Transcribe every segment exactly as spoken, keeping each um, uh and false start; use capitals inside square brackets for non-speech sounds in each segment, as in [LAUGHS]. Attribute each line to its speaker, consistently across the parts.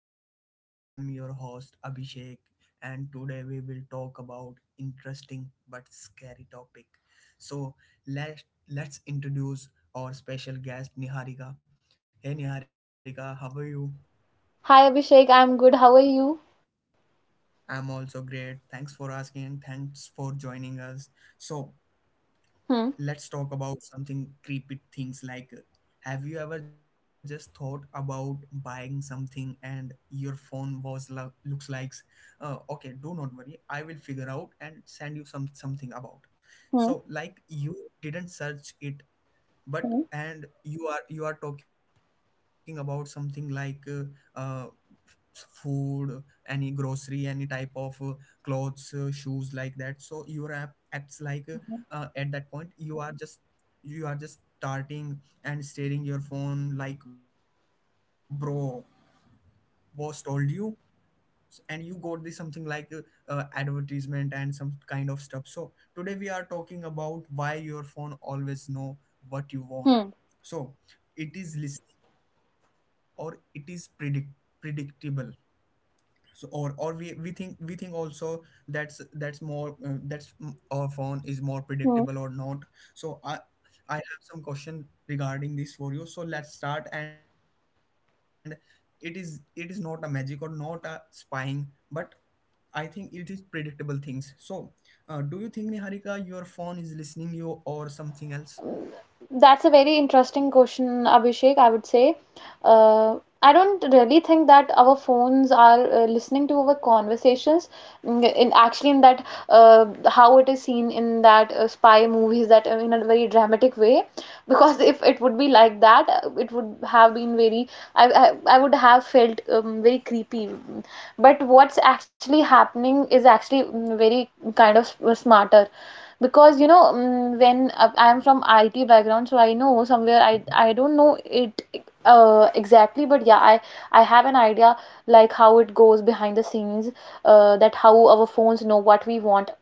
Speaker 1: As you know, I'm your host, Abhishek, and today we will talk about interesting but scary topic. So let's let's introduce our special guest, Niharika. Hey, Niharika, how are you?
Speaker 2: Hi Abhishek, I'm good. How are you?
Speaker 1: I'm also great. Thanks for asking and thanks for joining us. So
Speaker 2: Hmm,
Speaker 1: let's talk about something creepy things like uh, have you ever just thought about buying something and your phone was lo- looks like uh, okay, do not worry, I will figure out and send you some something about.
Speaker 2: hmm,
Speaker 1: So like you didn't search it, but and you are you are talking about something like uh, uh, f- food, any grocery, any type of uh, clothes, uh, shoes, like that. So your app acts like uh, uh, at that point, you are just you are just starting and staring your phone like bro, boss told you. S- and you got the something like uh, uh, advertisement and some kind of stuff. So today we are talking about why your phone always know
Speaker 2: hmm,
Speaker 1: what you want. So it is listening, or it is predict predictable. So or or we we think we think also that's that's more uh, that's mm, our phone is
Speaker 2: hmm,
Speaker 1: more predictable or not. So i i have some question regarding this for you. So let's start. And it is it is not a magic or not a spying, but I think it is predictable things. So, uh, do you think, Niharika, your phone is listening you or something else?
Speaker 2: That's a very interesting question, Abhishek, I would say. Uh, I don't really think that our
Speaker 1: Yeah.
Speaker 2: phones are uh, listening to our conversations. Mm, In actually, in that uh, how it is seen in that uh, spy movies, that uh, in a very dramatic way, because if it would be like that, uh, it would have been very. I I, I
Speaker 1: Yeah.
Speaker 2: would have felt um, very creepy. But what's actually happening is actually mm, very kind of uh, smarter, because you know, mm, when uh, I'm from IT background, so I know somewhere, i i don't know
Speaker 1: Mhm.
Speaker 2: it uh, exactly, but yeah, i i have an idea like how it goes behind the scenes, uh, that how our phones know what we want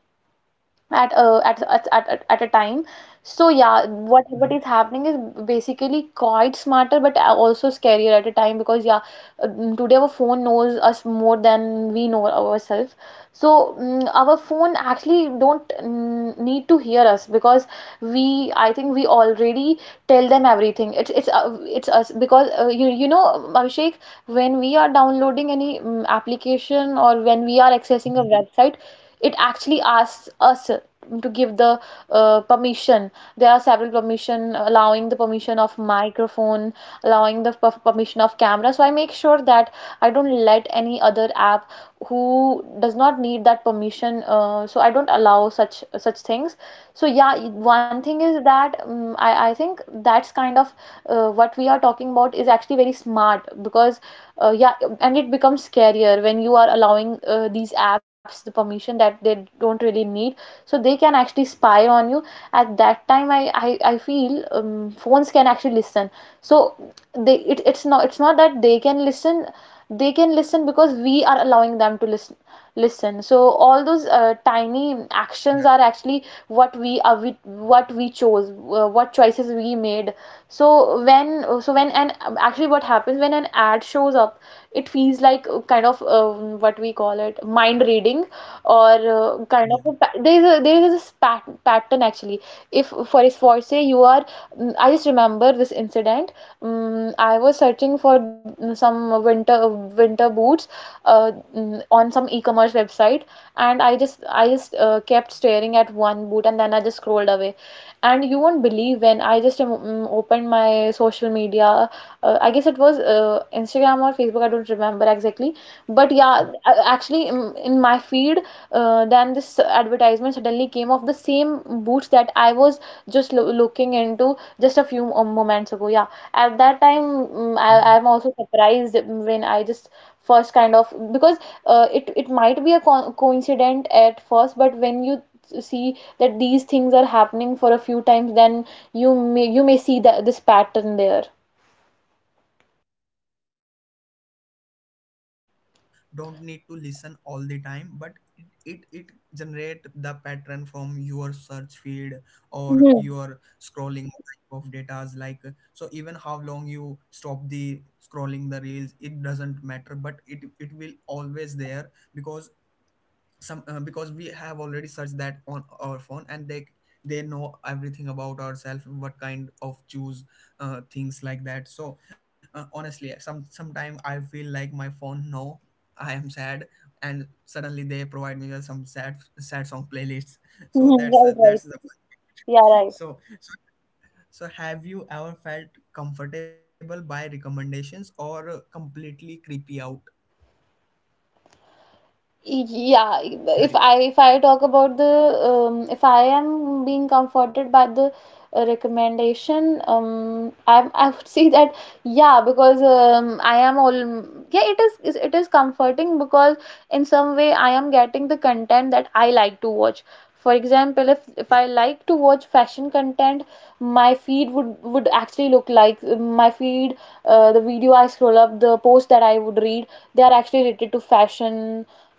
Speaker 2: at a at, at, at, at a time. So yeah, what what is happening is
Speaker 1: Mhm.
Speaker 2: basically quite smarter but also scarier at a time, because yeah, um, today our phone knows us more than we know ourselves. So mm our phone actually don't mm, need to hear us, because we I think we already tell them everything. It's it's uh, it's us, because uh, you you know Abhishek, when we are downloading any mm
Speaker 1: Yeah.
Speaker 2: application, or when we are accessing a website, it
Speaker 1: Mhm.
Speaker 2: actually asks us to give the uh, permission. There are several permission, allowing the permission of microphone, allowing the per- permission of camera. So I make sure that I don't let any other app who does not need that permission, uh, so I don't allow such such things. So yeah, y- one thing is that, um, i i think that's kind of uh, what we are talking about is actually very smart, because uh, yeah. And it becomes scarier when you are allowing uh, these apps the permission that they don't really need,
Speaker 1: Yeah.
Speaker 2: so they can actually spy on you. At that time i i, I feel um, phones can actually listen. So they it, it's not, it's not that they can listen, they can listen because we are allowing them to listen listen. So all those uh, tiny actions are actually
Speaker 1: Yeah.
Speaker 2: what we are we, what we chose, uh, what choices we made. So when so when and actually what happens when an ad shows up, it feels like uh, kind of, um, what we call it, mind reading, or uh, kind of a pa- there is a,
Speaker 1: Yeah.
Speaker 2: there is this pat pattern actually. If for is for say, you are, mm, I just remember this incident. Mm I was searching for mm, some winter winter boots, uh, mm, on some e-commerce website, and I just I just uh, kept staring at
Speaker 1: Yeah.
Speaker 2: one boot, and then I just scrolled away. And you won't believe, when I just um, mm, opened my social media, Uh, I guess it was uh, Instagram or Facebook, I don't remember exactly. But yeah, a-
Speaker 1: Mhm.
Speaker 2: actually, in, in my feed, uh, then this advertisement suddenly came of the same boots that I was just lo- looking into just a few um, moments ago. Yeah, at that time, mm, I, I'm
Speaker 1: Mhm.
Speaker 2: also surprised when I just first kind of, because uh, it it might be a co- coincident at first, but when you see that these things are happening for a few times, then you may you may see that this pattern there.
Speaker 1: Yeah, that's a correct. So basically phone don't need to listen all the time, but it, it it generate the pattern from your search feed or
Speaker 2: hmm
Speaker 1: your scrolling type of datas, like. So even how long you stop the scrolling the reels, it doesn't matter, but it it will always there. Because some um, because we have already searched that on our phone, and they they know everything about ourselves, what kind of choose uh, things like that. So uh, honestly, some sometime I feel like my phone know I am sad, and suddenly they provide me with some sad sad song playlists [LAUGHS] so that's
Speaker 2: Right,
Speaker 1: the
Speaker 2: right.
Speaker 1: that's the
Speaker 2: Yeah,
Speaker 1: [LAUGHS]
Speaker 2: right.
Speaker 1: so so so have you ever felt comfortable by recommendations or completely creepy out?
Speaker 2: Yeah,
Speaker 1: Yeah, Niharika.
Speaker 2: if i if I talk about the, um, if I am being comforted by the uh, recommendation, um i i would [LAUGHS] say that yeah, because um, I am all, yeah, it is is- it is comforting because in some way I am getting the content that I like to watch. For example, if
Speaker 1: Yeah,
Speaker 2: if i like to watch fashion content, my feed would would actually look like, uh, my feed, uh, the video I scroll up, the post that I would read, they are actually related to fashion,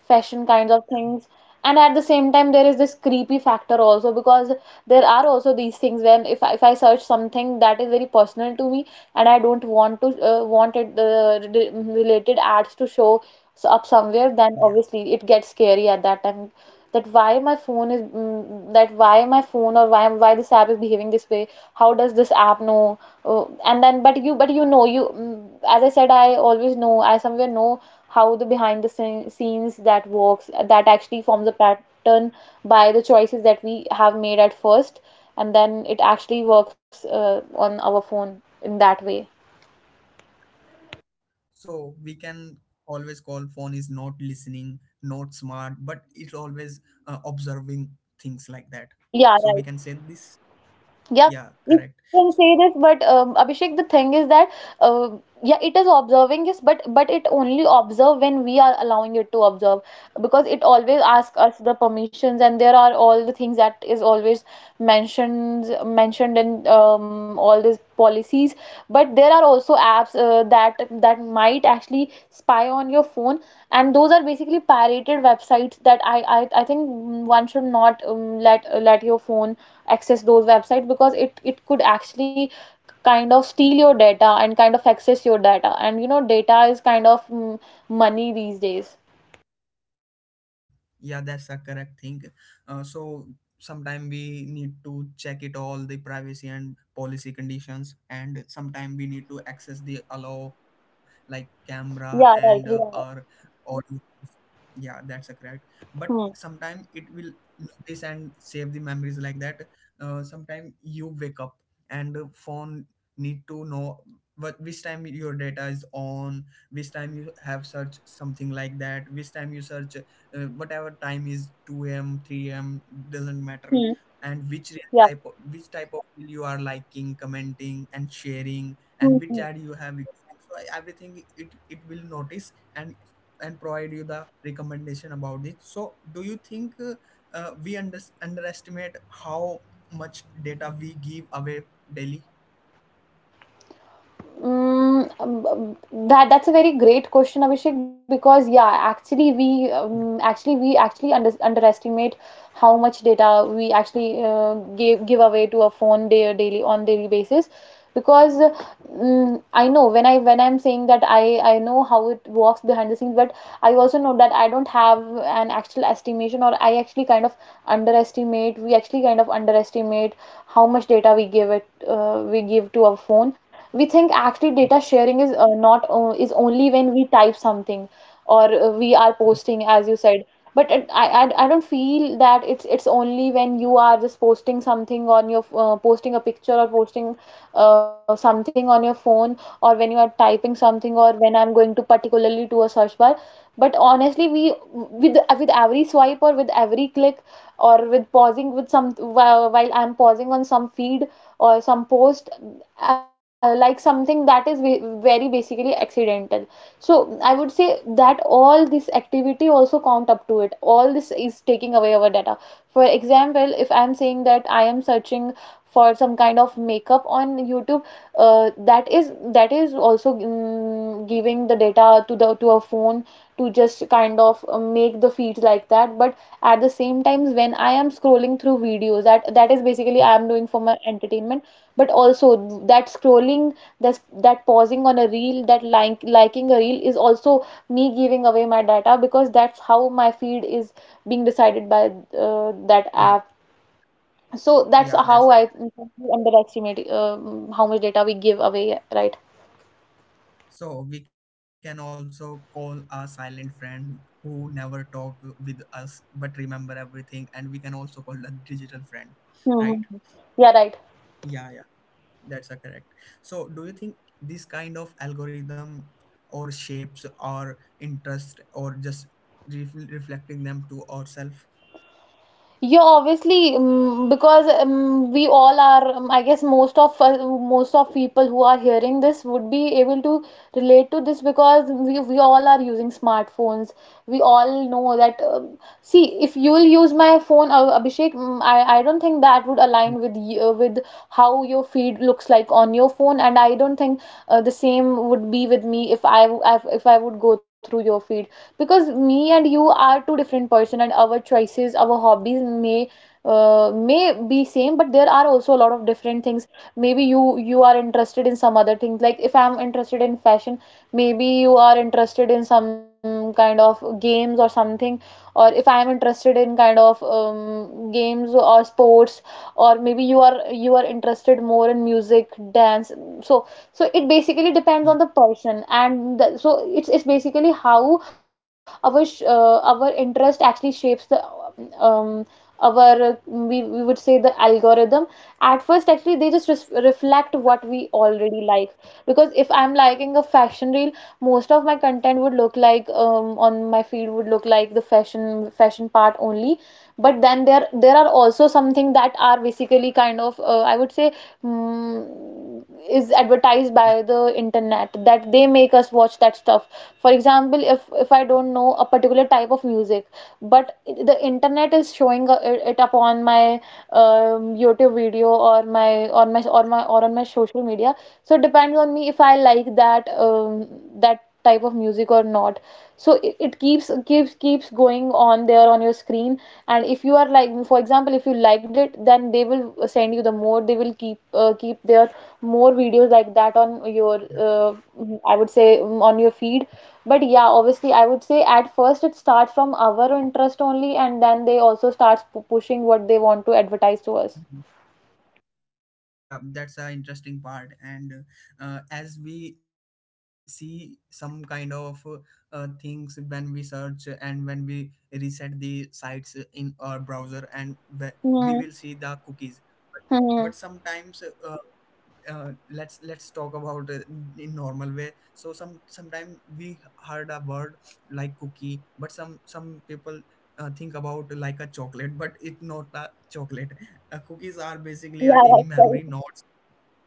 Speaker 2: fashion kinds of things. And at the same time there is this creepy factor also, because there are also these things when, if I, if I search something that is very personal to me, and I don't want to uh, want it uh, re- related ads to show so up somewhere, then
Speaker 1: yeah.
Speaker 2: obviously it gets scary at that time. That why my phone is, mm, that why my phone, or why why this app is behaving this way? How does this app know? Oh, and then, but you but you know, you, mm, as I said, I always know, I somewhere know how the behind the scene- scenes that works, that actually forms a pattern by the choices that we have made at first, and then it actually works uh, on our phone in that way.
Speaker 1: So we can always call phone is not listening, not smart, but it's always uh, observing things like that. So we can
Speaker 2: Yeah,
Speaker 1: say
Speaker 2: right.
Speaker 1: this. Yeah,
Speaker 2: Yeah,
Speaker 1: correct.
Speaker 2: we can say this, but um, Abhishek, the thing is that uh, yeah, it is observing this, but but it only observe when we are allowing it to observe, because it always asks us the permissions, and there are all the things that is always mentioned mentioned in um, all these policies. But there are also apps uh, that that might actually spy on your phone, and those are basically pirated websites that I I, I think one should not um, let let your phone access those websites, because it it could actually kind of steal your data and kind of access your data. And you know, data is kind of, mm, money these days.
Speaker 1: Yeah, yeah, that's a correct thing. Uh, so sometime we need to check it all the privacy and policy conditions, and sometime we need to access the allow, like camera and uh,
Speaker 2: Yeah, right.
Speaker 1: our.
Speaker 2: Yeah.
Speaker 1: Yeah, that's a correct. But
Speaker 2: Hmm.
Speaker 1: sometime it will notice and save the memories like that. Uh, sometime you wake up, and the phone need to know what, which time your data is on, which time you have search something like that, which time you search, uh, whatever time is two a m three a m, doesn't matter,
Speaker 2: Hmm.
Speaker 1: and which re-
Speaker 2: Yeah.
Speaker 1: type of, which type of reel you are liking, commenting and sharing, and which
Speaker 2: Hmm.
Speaker 1: ad you have ignoring. So everything, it it will notice and and provide you the recommendation about it. So do you think uh, uh, we under- underestimate how much data we give away daily?
Speaker 2: Mm, um, um, that that's a very great question, Abhishek, because yeah, actually we
Speaker 1: Yeah.
Speaker 2: um, actually we actually under, underestimate how much data we actually uh, give give away to our phone day, daily, on daily basis. Because mm I know, when I, when I'm saying that I I know how it works behind the scenes, but I also know that I don't have an actual estimation, or I actually kind of underestimate. We actually kind of underestimate how much data we give it, uh, we give to our phone. We think actually data sharing is uh, not uh, is only when we type something, or uh, we are posting, as you said. But it, I, I I don't feel that it's it's only when you are just posting something on your, uh, posting a picture or posting uh, something on your phone, or when you are typing something, or when I'm going to particularly to a search bar. But honestly, we, with with every swipe or with every click, or with pausing with some, while, while I'm pausing on some feed or some post, uh, like something that is ve- very basically accidental. So I would say that all this activity also count up to it, all this is taking away our data. For example, if I'm saying that I am searching for some kind of makeup on YouTube, uh, that is, that is also, mm, giving the data to the, to a phone, to just kind of uh, make the feeds like that. But at the same times when I am scrolling through videos, that that is basically I am doing for my entertainment, but also that scrolling, that that pausing on a reel, that like liking a reel is also me giving away my data, because that's how my feed is being decided by uh, that app.
Speaker 1: Mhm.
Speaker 2: So that's how
Speaker 1: Yeah,
Speaker 2: I
Speaker 1: that's it.
Speaker 2: underestimate um, how much data we give away, right?
Speaker 1: So we can also call a silent friend who never talk with us but remember everything, and we can also call a digital friend, right?
Speaker 2: Hmm. Yeah, right.
Speaker 1: Yeah, yeah, that's a correct. So do you think this kind of algorithm or shapes or interest or just ref- reflecting them to ourselves?
Speaker 2: Yeah, obviously, um, because um, we all are, um, I guess most of us, most of people who are hearing this would be able to relate to this, because we, we all are using smartphones. We all know that. Um, see, if you'll use my phone, uh, Abhishek, mm, I, I don't think that would align with y- uh, with how your feed looks like on your phone, and I don't think uh, the same would be with me if I, w- if I would go through your feed, because me and you are two different person and our choices, our hobbies may uh, may be same, but there are also a lot of different things. Maybe you you are interested in some other things. Like, if I'm interested in fashion, maybe you are interested in some kind of games or something. Or if I am interested in kind of um, games or sports, or maybe you are you are interested more in music, dance. So, so it basically depends on the
Speaker 1: Yeah.
Speaker 2: person and the, so it's it's basically how our sh- uh, our interest actually shapes the um, our uh, we, we would say the algorithm. At first, actually they just res- reflect what we already like, because if I'm liking a fashion reel, most of my content would look like, um, on my feed would look like the fashion fashion part only. But then there there are also something that are basically kind of, uh, I would say, mm is advertised by
Speaker 1: Yeah.
Speaker 2: the internet, that they make us watch that stuff. For example, if if I don't know a particular type of music, but the internet is showing, uh, it it up on my um, YouTube video or my or my or my or on my social media. So it depends on me if I like that, um, that type of music or not. So it, it keeps keeps keeps going on there on your screen. And if you are like, for example, if you liked it, then they will send you the more they will keep uh, keep their more videos like that on your uh,
Speaker 1: Yeah.
Speaker 2: I would say, mm, on your feed. But yeah, obviously, I would say at first it starts from our interest only, and then they also starts pu- pushing what they want to advertise to us.
Speaker 1: Mhm. Yeah, that's an interesting part. And uh, as we see some kind of uh, things, when we search and when we reset the sites in our browser, and we, we will
Speaker 2: Hmm.
Speaker 1: see the cookies.
Speaker 2: Hmm.
Speaker 1: But sometimes uh, uh, let's let's talk about, uh, in normal way. So some sometimes we heard a word like cookie, but some some people uh, think about like a chocolate, but it not a chocolate. Uh, cookies are basically a
Speaker 2: Yeah,
Speaker 1: tiny
Speaker 2: that's right.
Speaker 1: memory, not.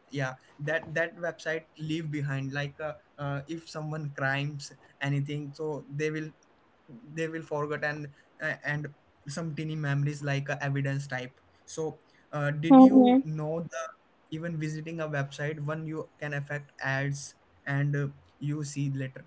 Speaker 1: Yeah, that that website leave behind, like uh, uh, if someone crimes anything, so they will, they will forget and uh, and some teeny memories, like uh, evidence type. So uh, did you
Speaker 2: Hmm.
Speaker 1: know, the even visiting a website one, you can affect ads, and uh, you see later.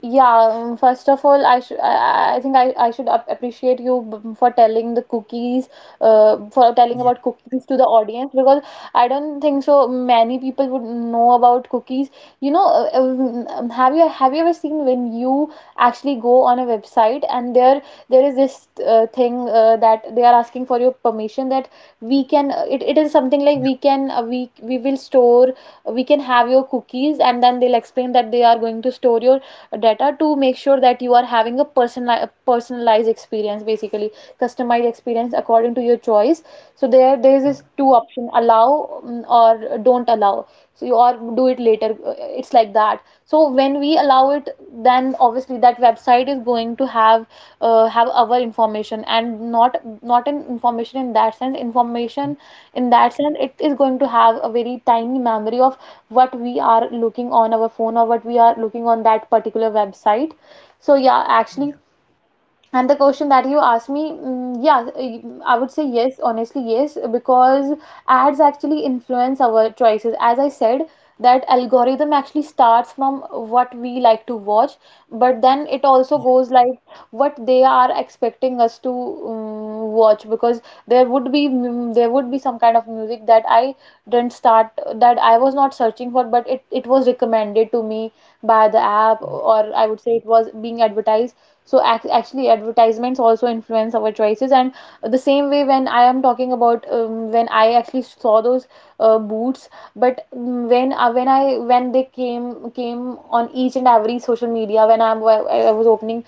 Speaker 2: Yeah, um, first of all, I should I, I I think I, I should ap- appreciate you b- for telling the cookies, uh, for
Speaker 1: Yeah.
Speaker 2: telling about cookies to the audience, because I don't think so many people would know about cookies. You know, uh, uh, um, have you have you ever seen when you actually go on a website, and there there is this uh, thing, uh, that they are asking for your permission, that we can uh, it, it is something like,
Speaker 1: Yeah.
Speaker 2: we can uh, we we will store we can have your cookies, and then they'll explain that they are going to store your data to make sure that you are having a personal personalized experience, basically customized experience according to your choice. So there there is
Speaker 1: Yeah.
Speaker 2: this two option: allow, mm, or don't allow. So you, or do it later. Uh, it's like that. So when we allow it, then obviously that website is going to have, uh, have our information, and not not an information in that sense, information in that sense. It is going to have a very tiny memory of what we are looking on our phone or what we are looking on that particular website. So yeah,
Speaker 1: Yeah.
Speaker 2: actually, and the question that you asked me, mm, yeah, I would say yes, honestly, yes, because ads actually influence our choices. As I said, that algorithm actually starts from what we like to watch, but then it
Speaker 1: Yeah.
Speaker 2: also goes like what they are expecting us to, um, watch, because there would be mm, there would be some kind of music that I didn't start, that I was not searching for, but it, it was recommended to me by the app,
Speaker 1: Yeah.
Speaker 2: or I would say it was being advertised. So ac actually, advertisements also influence our choices. And the same way, when I am talking about, um, when I actually saw those, uh, boots, but, mm, when uh, when I when they came came on each and every social media, when I'm I I was opening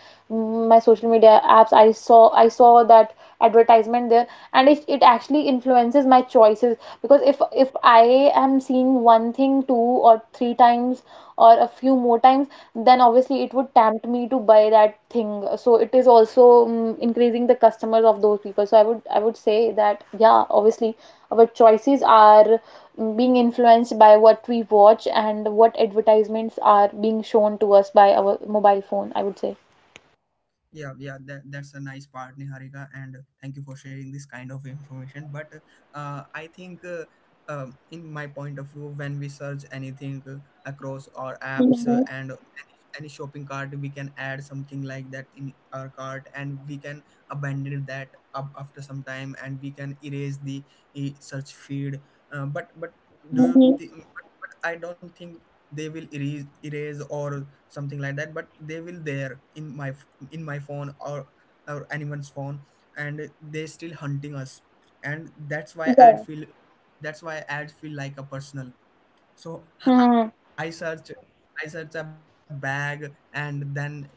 Speaker 2: my social media apps, i saw i saw that advertisement there. And it, it actually influences my choices, because if if I am seeing one thing two or three times or a few more times, then obviously it would tempt me to buy that thing. So it is also, mm, increasing the customers of those people. So i would i would say that, yeah, obviously our choices are, mm, being influenced by what we watch and what advertisements are being shown to us by our mobile phone, I would say.
Speaker 1: Yeah, yeah, that, that's a nice part, Niharika, and thank you for sharing this kind of information. But uh, I think, uh, um, in my point of view, when we search anything uh, across our apps, uh, and any, any shopping cart, we can add something like that in our cart, and we can abandon that up after some time, and we can erase the uh, search feed. Uh, but but do you think? But, but I don't think they will erase erase or something like that, but they will there in my, in my phone, or or anyone's phone, and they still hunting us. And that's why
Speaker 2: Yeah.
Speaker 1: ad feel, that's why ad feel like a personal. So
Speaker 2: Mhm.
Speaker 1: i search I search a bag, and then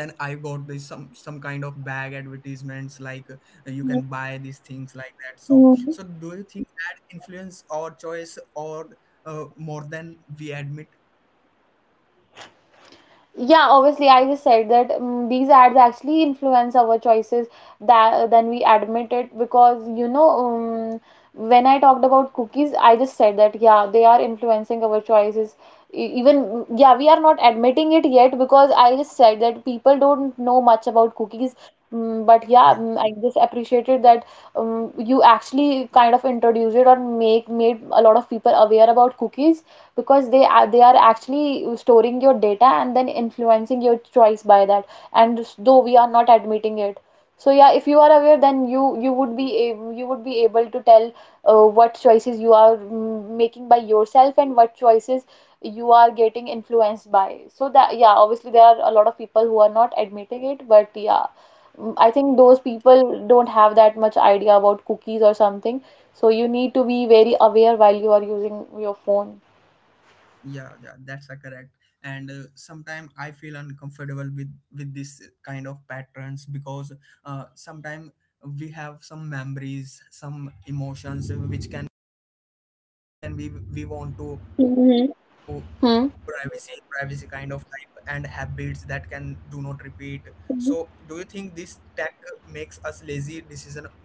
Speaker 1: then I got this some some kind of bag advertisements like, uh, you can buy these things like that.
Speaker 2: Mhm.
Speaker 1: So so do you think ad influence our choice, or uh, more than we admit?
Speaker 2: Yeah, obviously, I just said that, mm these ads actually influence our choices, that then we admit it, because, you know um, when I talked about cookies, I just said that yeah, they are influencing our choices. E- Even yeah, we are not admitting it yet, because I just said that people don't know much about cookies. Mm, But yeah, mm, I just appreciated that, um, you actually kind of introduced it, or make made a lot of people aware about cookies, because they are they are actually storing your data and then influencing your choice by that, and though we are not admitting it. So yeah, if you are aware, then you you would be able you would be able to tell uh, what choices you are, mm, making by yourself, and what choices you are getting influenced by. So that, yeah, obviously, there are a lot of people who are not admitting it, but yeah, mm, I think those people don't have that much idea about cookies or something. So you need to be very aware while you are using your phone.
Speaker 1: Yeah, yeah, that's a correct. And uh, sometimes I feel uncomfortable with with this kind of patterns, because uh, sometimes we have some memories, some emotions, uh, which can, which can we we want to, oh,
Speaker 2: Mhm.
Speaker 1: privacy,
Speaker 2: Mhm.
Speaker 1: privacy kind of type, and habits that can do not repeat. So do you
Speaker 2: Mhm.
Speaker 1: think this tech makes us lazy decision maker?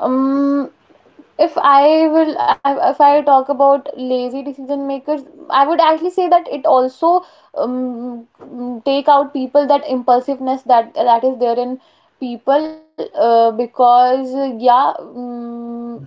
Speaker 2: Um, if I will, I- if I talk about lazy decision makers, I would actually say that it also, um, mm, take out people that impulsiveness that that is there in people, uh, because, uh, yeah, um,
Speaker 1: Mm,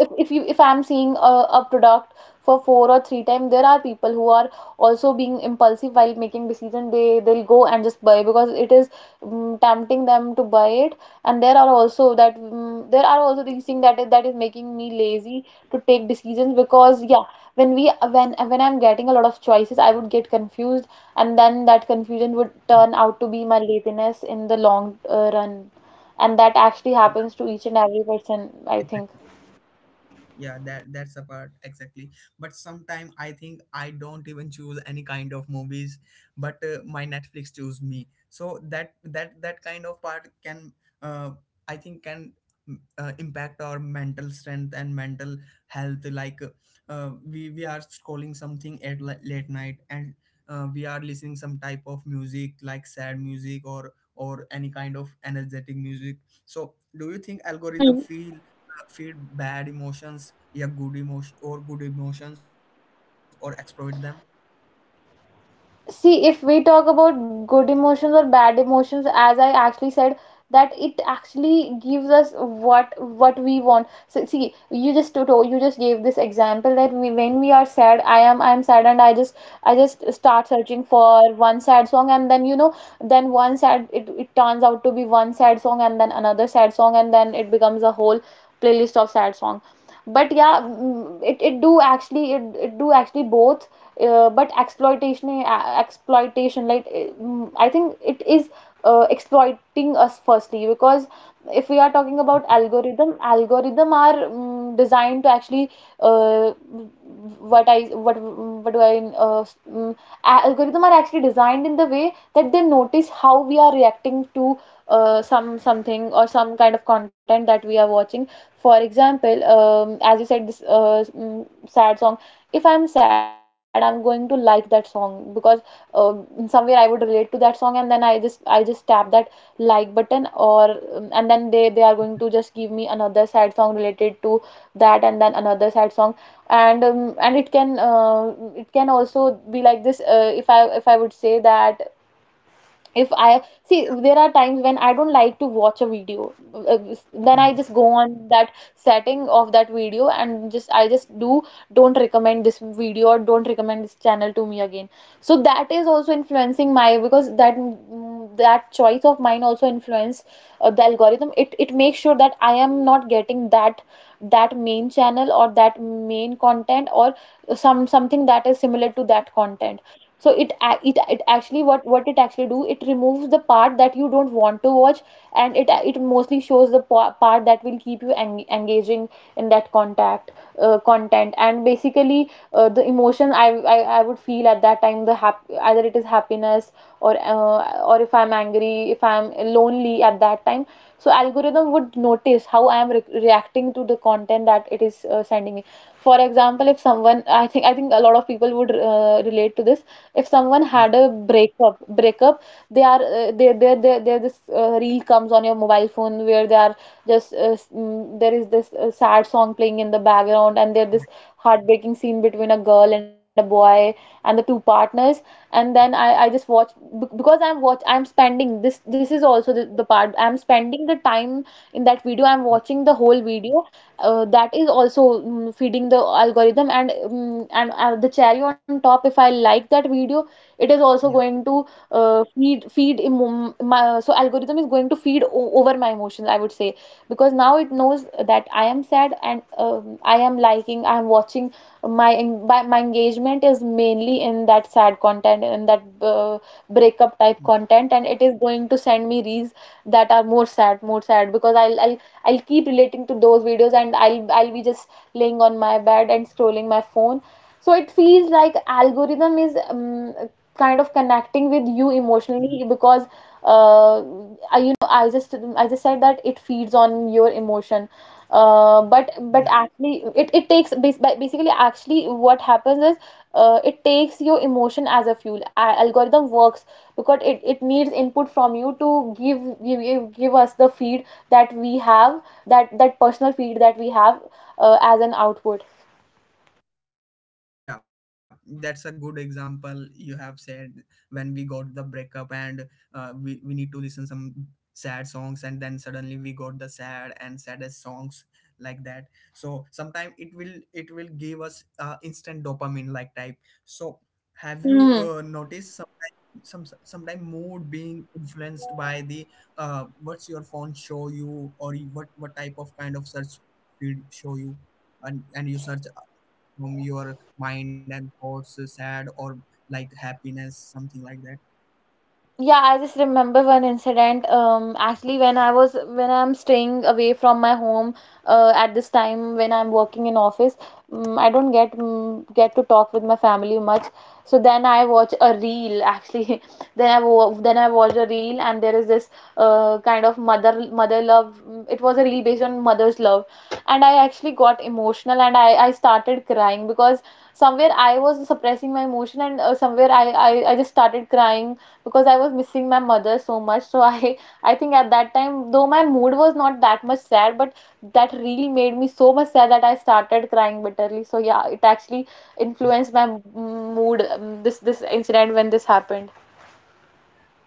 Speaker 2: if if you if I'm seeing a, a product for four or three times, there are people who are also being impulsive while making decision. They they'll go and just buy, because it is, um, tempting them to buy it. And there are also that, mm, there are also these things that is that is making me lazy to take decisions, because yeah, when we when when I'm getting a lot of choices, I would get confused, and then that confusion would turn out to be my laziness in the long uh, run. And that actually
Speaker 1: yeah,
Speaker 2: happens to each and every person, I think.
Speaker 1: exactly. Yeah, that that's the part, exactly. But sometime I think I don't even choose any kind of movies, but uh, my Netflix choose me. So that that that kind of part can, uh, I think can, mm, uh, impact our mental strength and mental health, like uh, we, we are scrolling something at li- late night, and uh, we are listening some type of music like sad music, or or any kind of energetic music. So do you think algorithm
Speaker 2: Hmm.
Speaker 1: feel, feel bad emotions, yeah, good emotion or good emotions, or exploit them?
Speaker 2: See, if we talk about good emotions or bad emotions, as I actually said, that it actually gives us what what we want. So see, you just told you just gave this example, that we, when we are sad, i am i'm sad, and i just i just start searching for one sad song, and then, you know, then one sad it, it turns out to be one sad song, and then another sad song, and then it becomes a whole playlist of sad song. But yeah, mm, it, it do actually, it, it do actually both. Uh, but exploitation uh, exploitation, like, uh, mm, I think it is, uh, exploiting us firstly, because if we are talking about algorithm, algorithm are, mm, designed to actually, uh, what I what what do I uh, mm, algorithm are actually designed in the way that they notice how we are reacting to, uh, some something or some kind of content that we are watching. For example, um, as you said this, uh, mm, sad song, if I'm sad, I'm going to like that song, because uh in somewhere I would relate to that song, and then I just I just tap that like button, or, um, and then they they are going to just give me another sad song related to that, and then another sad song, and, um, and, it can uh, it can also be like this. Uh, if I if I would say that, if I see,
Speaker 1: Yeah.
Speaker 2: there are times when I don't like to watch a video, uh, then I
Speaker 1: Hmm.
Speaker 2: just go on that setting of that video, and just I just do don't recommend this video, or don't recommend this channel to me again. So that is also influencing my, because that mm, that choice of mine also influence, uh, the algorithm. It it makes sure that I am not getting that that main channel, or that main content, or some something that is similar to that content. So it ac- it it actually what what it actually do, it removes the part that you don't want to watch, and it it mostly shows the pa- part that will keep you en- engaging in that contact uh, content. And basically, uh, the emotion I, I I would feel at that time, the hap- either it is happiness, or uh, or if I'm angry, if I'm lonely at that time, so algorithm would notice how I am re- reacting to the content that it is, uh, sending me. For example, if someone, I think I think a lot of people would, uh, relate to this, if someone had a
Speaker 1: Yeah,
Speaker 2: breakup breakup, they are uh, they they they they this, uh, reel comes on your mobile phone where they are just, uh, s- mm, there is this, uh, sad song playing in the background, and there this
Speaker 1: right.
Speaker 2: heartbreaking scene between a girl and a boy, and the two partners. And then I I just watch, bec- because I'm watch I'm spending, this this is also the, the part, I'm spending the time in that video, I'm watching
Speaker 1: Hmm.
Speaker 2: the whole video, uh, that is also, mm, feeding the algorithm. And, mm and, uh, the cherry on top, if I like that video, it is also going
Speaker 1: Yeah.
Speaker 2: to, uh, feed feed emo- my, so algorithm is going to feed o- over my emotions, I would say, because now it knows that I am sad, and um i am liking I am watching, my en- by- my engagement is mainly in that sad content In that uh, breakup type
Speaker 1: Hmm.
Speaker 2: content, and it is going to send me reels that are more sad, more sad, because i'll i'll, I'll keep relating to those videos, and i'll i'll be just laying on my bed and scrolling my phone. So it feels like algorithm is um, kind of connecting with
Speaker 1: Mhm.
Speaker 2: you emotionally because uh, I, you know I just I just said that it feeds on your emotion. uh, but
Speaker 1: Yeah,
Speaker 2: but actually it, it takes bas- ba- basically, actually, what happens is uh, it takes your emotion as a fuel. A- algorithm works because it, it needs input from you to give, give give give us the feed that we have, that that personal feed that we have uh, as an output.
Speaker 1: yeah, that's a good example you have said, when we got the breakup, and uh, we, we need to listen some sad songs, and then suddenly we got the sad and saddest songs like that. So sometimes it will it will give us uh, instant dopamine like type. So have you
Speaker 2: Hmm.
Speaker 1: uh, noticed some sometime mood being influenced by the, uh, what's your phone show you, or you- what what type of kind of search field show you, and and you search uh, from your mind and thoughts, uh, sad or like happiness, something like that.
Speaker 2: Yeah, I just remember one incident. Um, actually, when I was when I'm staying away from my home, uh, at this time when I'm working in office, um, I don't get um, get to talk with my family much. So then I watch a reel. Actually, [LAUGHS] then I wa then I watched a reel, and there is this uh kind of mother mother love. mm, It was a reel based on mother's love, and I actually got emotional, and I I started crying because somewhere I was suppressing my emotion, and uh, somewhere I, I I just started crying because I was missing my mother so much. So I I think at that time, though my mood was not that much sad, but that reel made me so much sad that I started crying bitterly. So yeah, it actually influenced my m- mood. um, This this incident when this happened.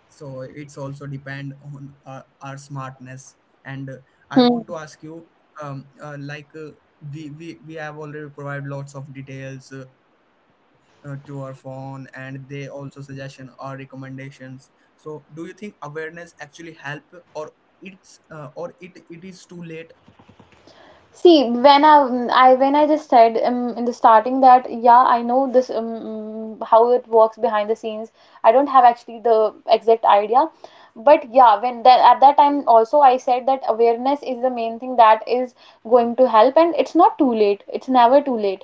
Speaker 1: So it's also depend on uh, our smartness. And uh, I
Speaker 2: Hmm.
Speaker 1: want to ask you, um, uh, like uh, we, we we have already provided lots of details, uh, uh, to our phone, and they also suggestion or recommendations. So do you think awareness actually help, or it's uh, or it it is too late?
Speaker 2: See, when I, mm, I when I just said um, in the starting that yeah, I know this um, mm, how it works behind the scenes. I don't have actually the exact idea, but yeah, when that at that time also I said that awareness is the main thing that is going to help, and it's not too late. It's never too late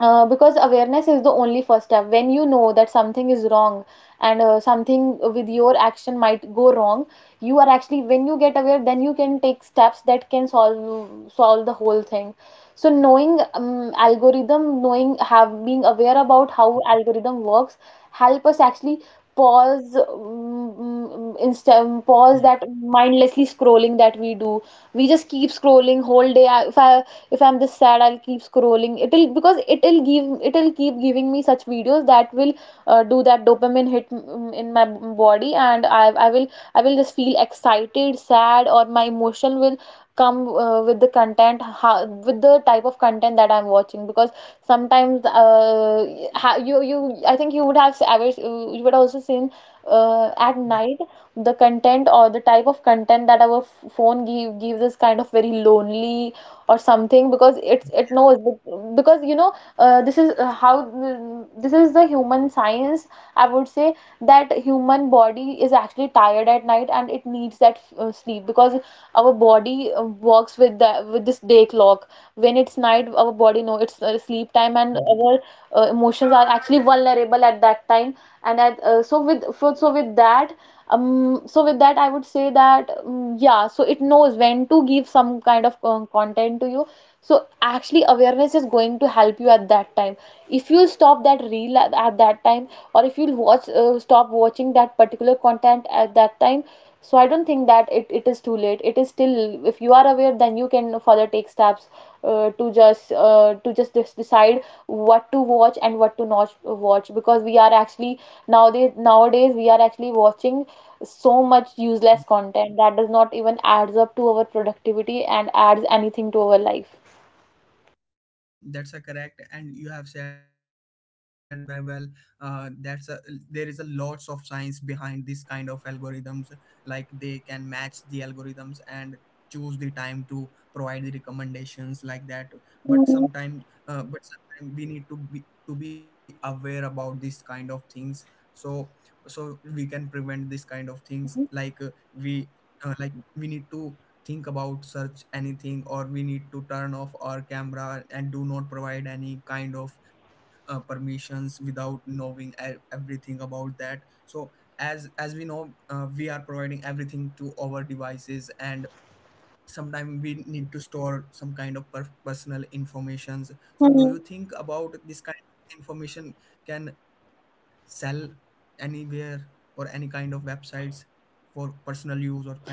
Speaker 2: uh, because
Speaker 1: Yeah.
Speaker 2: awareness is the only first step. When you know that something is wrong and uh, something with your action might go wrong, you are actually when you get aware, then you can take steps that can solve solve the whole thing. So knowing um, algorithm knowing have being aware about how algorithm works help us actually pause, um, instead
Speaker 1: Yeah.
Speaker 2: pause that mindlessly scrolling that we do. We just keep scrolling whole day. I- if I if I'm this sad, I'll keep scrolling. It'll because it'll give It'll keep giving me such videos that will uh, do that dopamine hit mm, in my body, and i i will I will just feel excited, sad, or my emotion will come uh, with the content how, with the type of content that I'm watching. Because sometimes uh, ha- you you I think you would have ever, you would also seen, uh, at
Speaker 1: Yeah.
Speaker 2: night the content or the type of content that our f- phone give gives is kind of very lonely or something, because it's it knows bec- because you know, uh, this is uh, how mm, this is the human science, I would say, that human body is actually tired at night and it needs that uh, sleep, because our body uh, works with the with this day clock. When it's night, our body know it's uh, sleep time, and our uh, emotions are actually vulnerable at that time. And at, uh, so with for, So with that, um, so with that I would say that um, yeah, so it knows when to give some kind of um, content to you. So actually awareness is going to help you at that time. If you stop that reel at, at that time, or if you watch uh, stop watching that particular content at that time. So I don't think that it, it is too late. It is still, if you are aware, then you can further take steps uh, to just uh, to just dis- decide what to watch and what to not watch, because we are actually nowadays nowadays we are actually watching so much useless content that does not even adds up to our productivity and adds anything to our life.
Speaker 1: Yeah, that's a correct, and you have said very well. Uh, that's a, there is a lots of science behind this kind of algorithms. Like they can match the algorithms and choose the time to provide the recommendations like that. But
Speaker 2: Mhm.
Speaker 1: sometimes, uh, but sometimes we need to be, to be aware about this kind of things. So so we can prevent this kind of things. Like uh, we uh, like we need to think about search anything, or we need to turn off our camera and do not provide any kind of uh, permissions without knowing e- everything about that. So as as we know, uh, we are providing everything to our devices, and sometimes we need to store some kind of per- personal informations. So do
Speaker 2: Mhm.
Speaker 1: you think about this kind of information, can sell anywhere or any kind of websites for personal use or kind of things?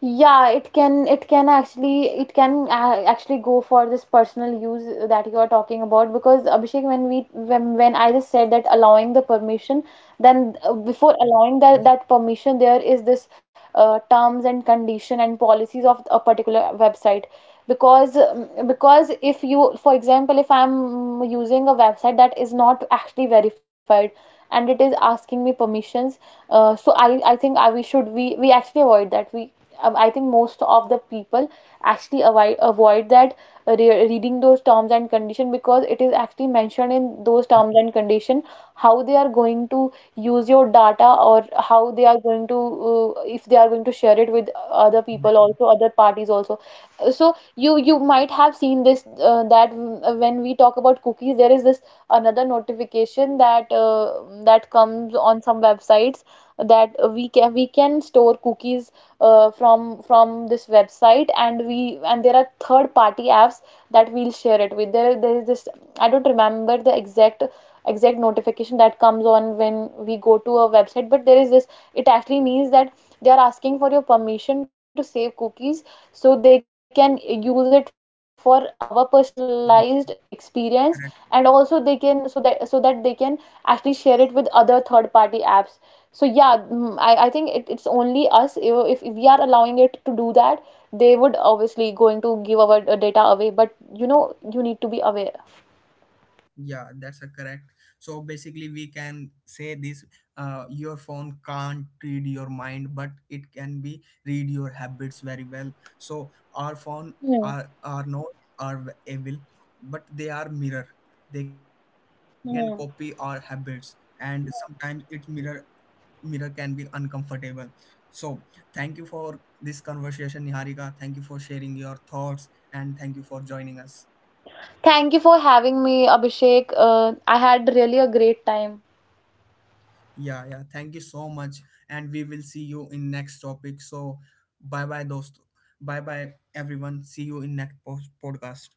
Speaker 2: Yeah, it can it can actually it can uh, actually go for this personal use that you are talking about. Because Abhishek, when we when when I just said that allowing the permission, then uh, before allowing
Speaker 1: Yeah.
Speaker 2: that that permission, there is this uh, terms and condition and policies of a particular website. Because um, because if you, for example, if I'm using a website that is not actually verified and it is asking me permissions, uh, so I I think I we should we we actually avoid that. We um, I think most of the people actually avoid avoid that uh, re- reading those terms and condition, because it is actually mentioned in those terms and condition how they are going to use your data or how they are going to, uh, if they are going to share it with other people also, other parties also. Uh, So you you might have seen this uh, that uh, when we talk about cookies, there is this another notification that uh, that comes on some websites, that we can we can store cookies uh, from from this website, and we, and there are third party apps that we'll share it with. There there is this, I don't remember the exact exact notification that comes on when we go to a website, but there is this, it actually means that they are asking for your permission to save cookies, so they can use it for our personalized
Speaker 1: Mhm.
Speaker 2: experience, and also they can, so that so that they can actually share it with other third party apps. So yeah, mm, i, I think it, it's only us. If, if we are allowing it to do that, they would obviously going to give our uh, data away. But you know, you need to be aware.
Speaker 1: Yeah, that's a correct. So basically we can say this: uh, your phone can't read your mind, but it can be read your habits very well. So our phone are are not
Speaker 2: Hmm.
Speaker 1: are evil, but they are mirror. They can copy our habits, and
Speaker 2: Hmm.
Speaker 1: sometimes it mirror mirror can be uncomfortable. So thank you for this conversation, Niharika, thank you for sharing your thoughts, and thank you for joining us.
Speaker 2: Thank you for having me, Abhishek. Uh, I had really a great time.
Speaker 1: Yeah, yeah. Thank you so much. And we will see you in next topic. So bye bye, dost. Bye bye, everyone. See you in next post- podcast.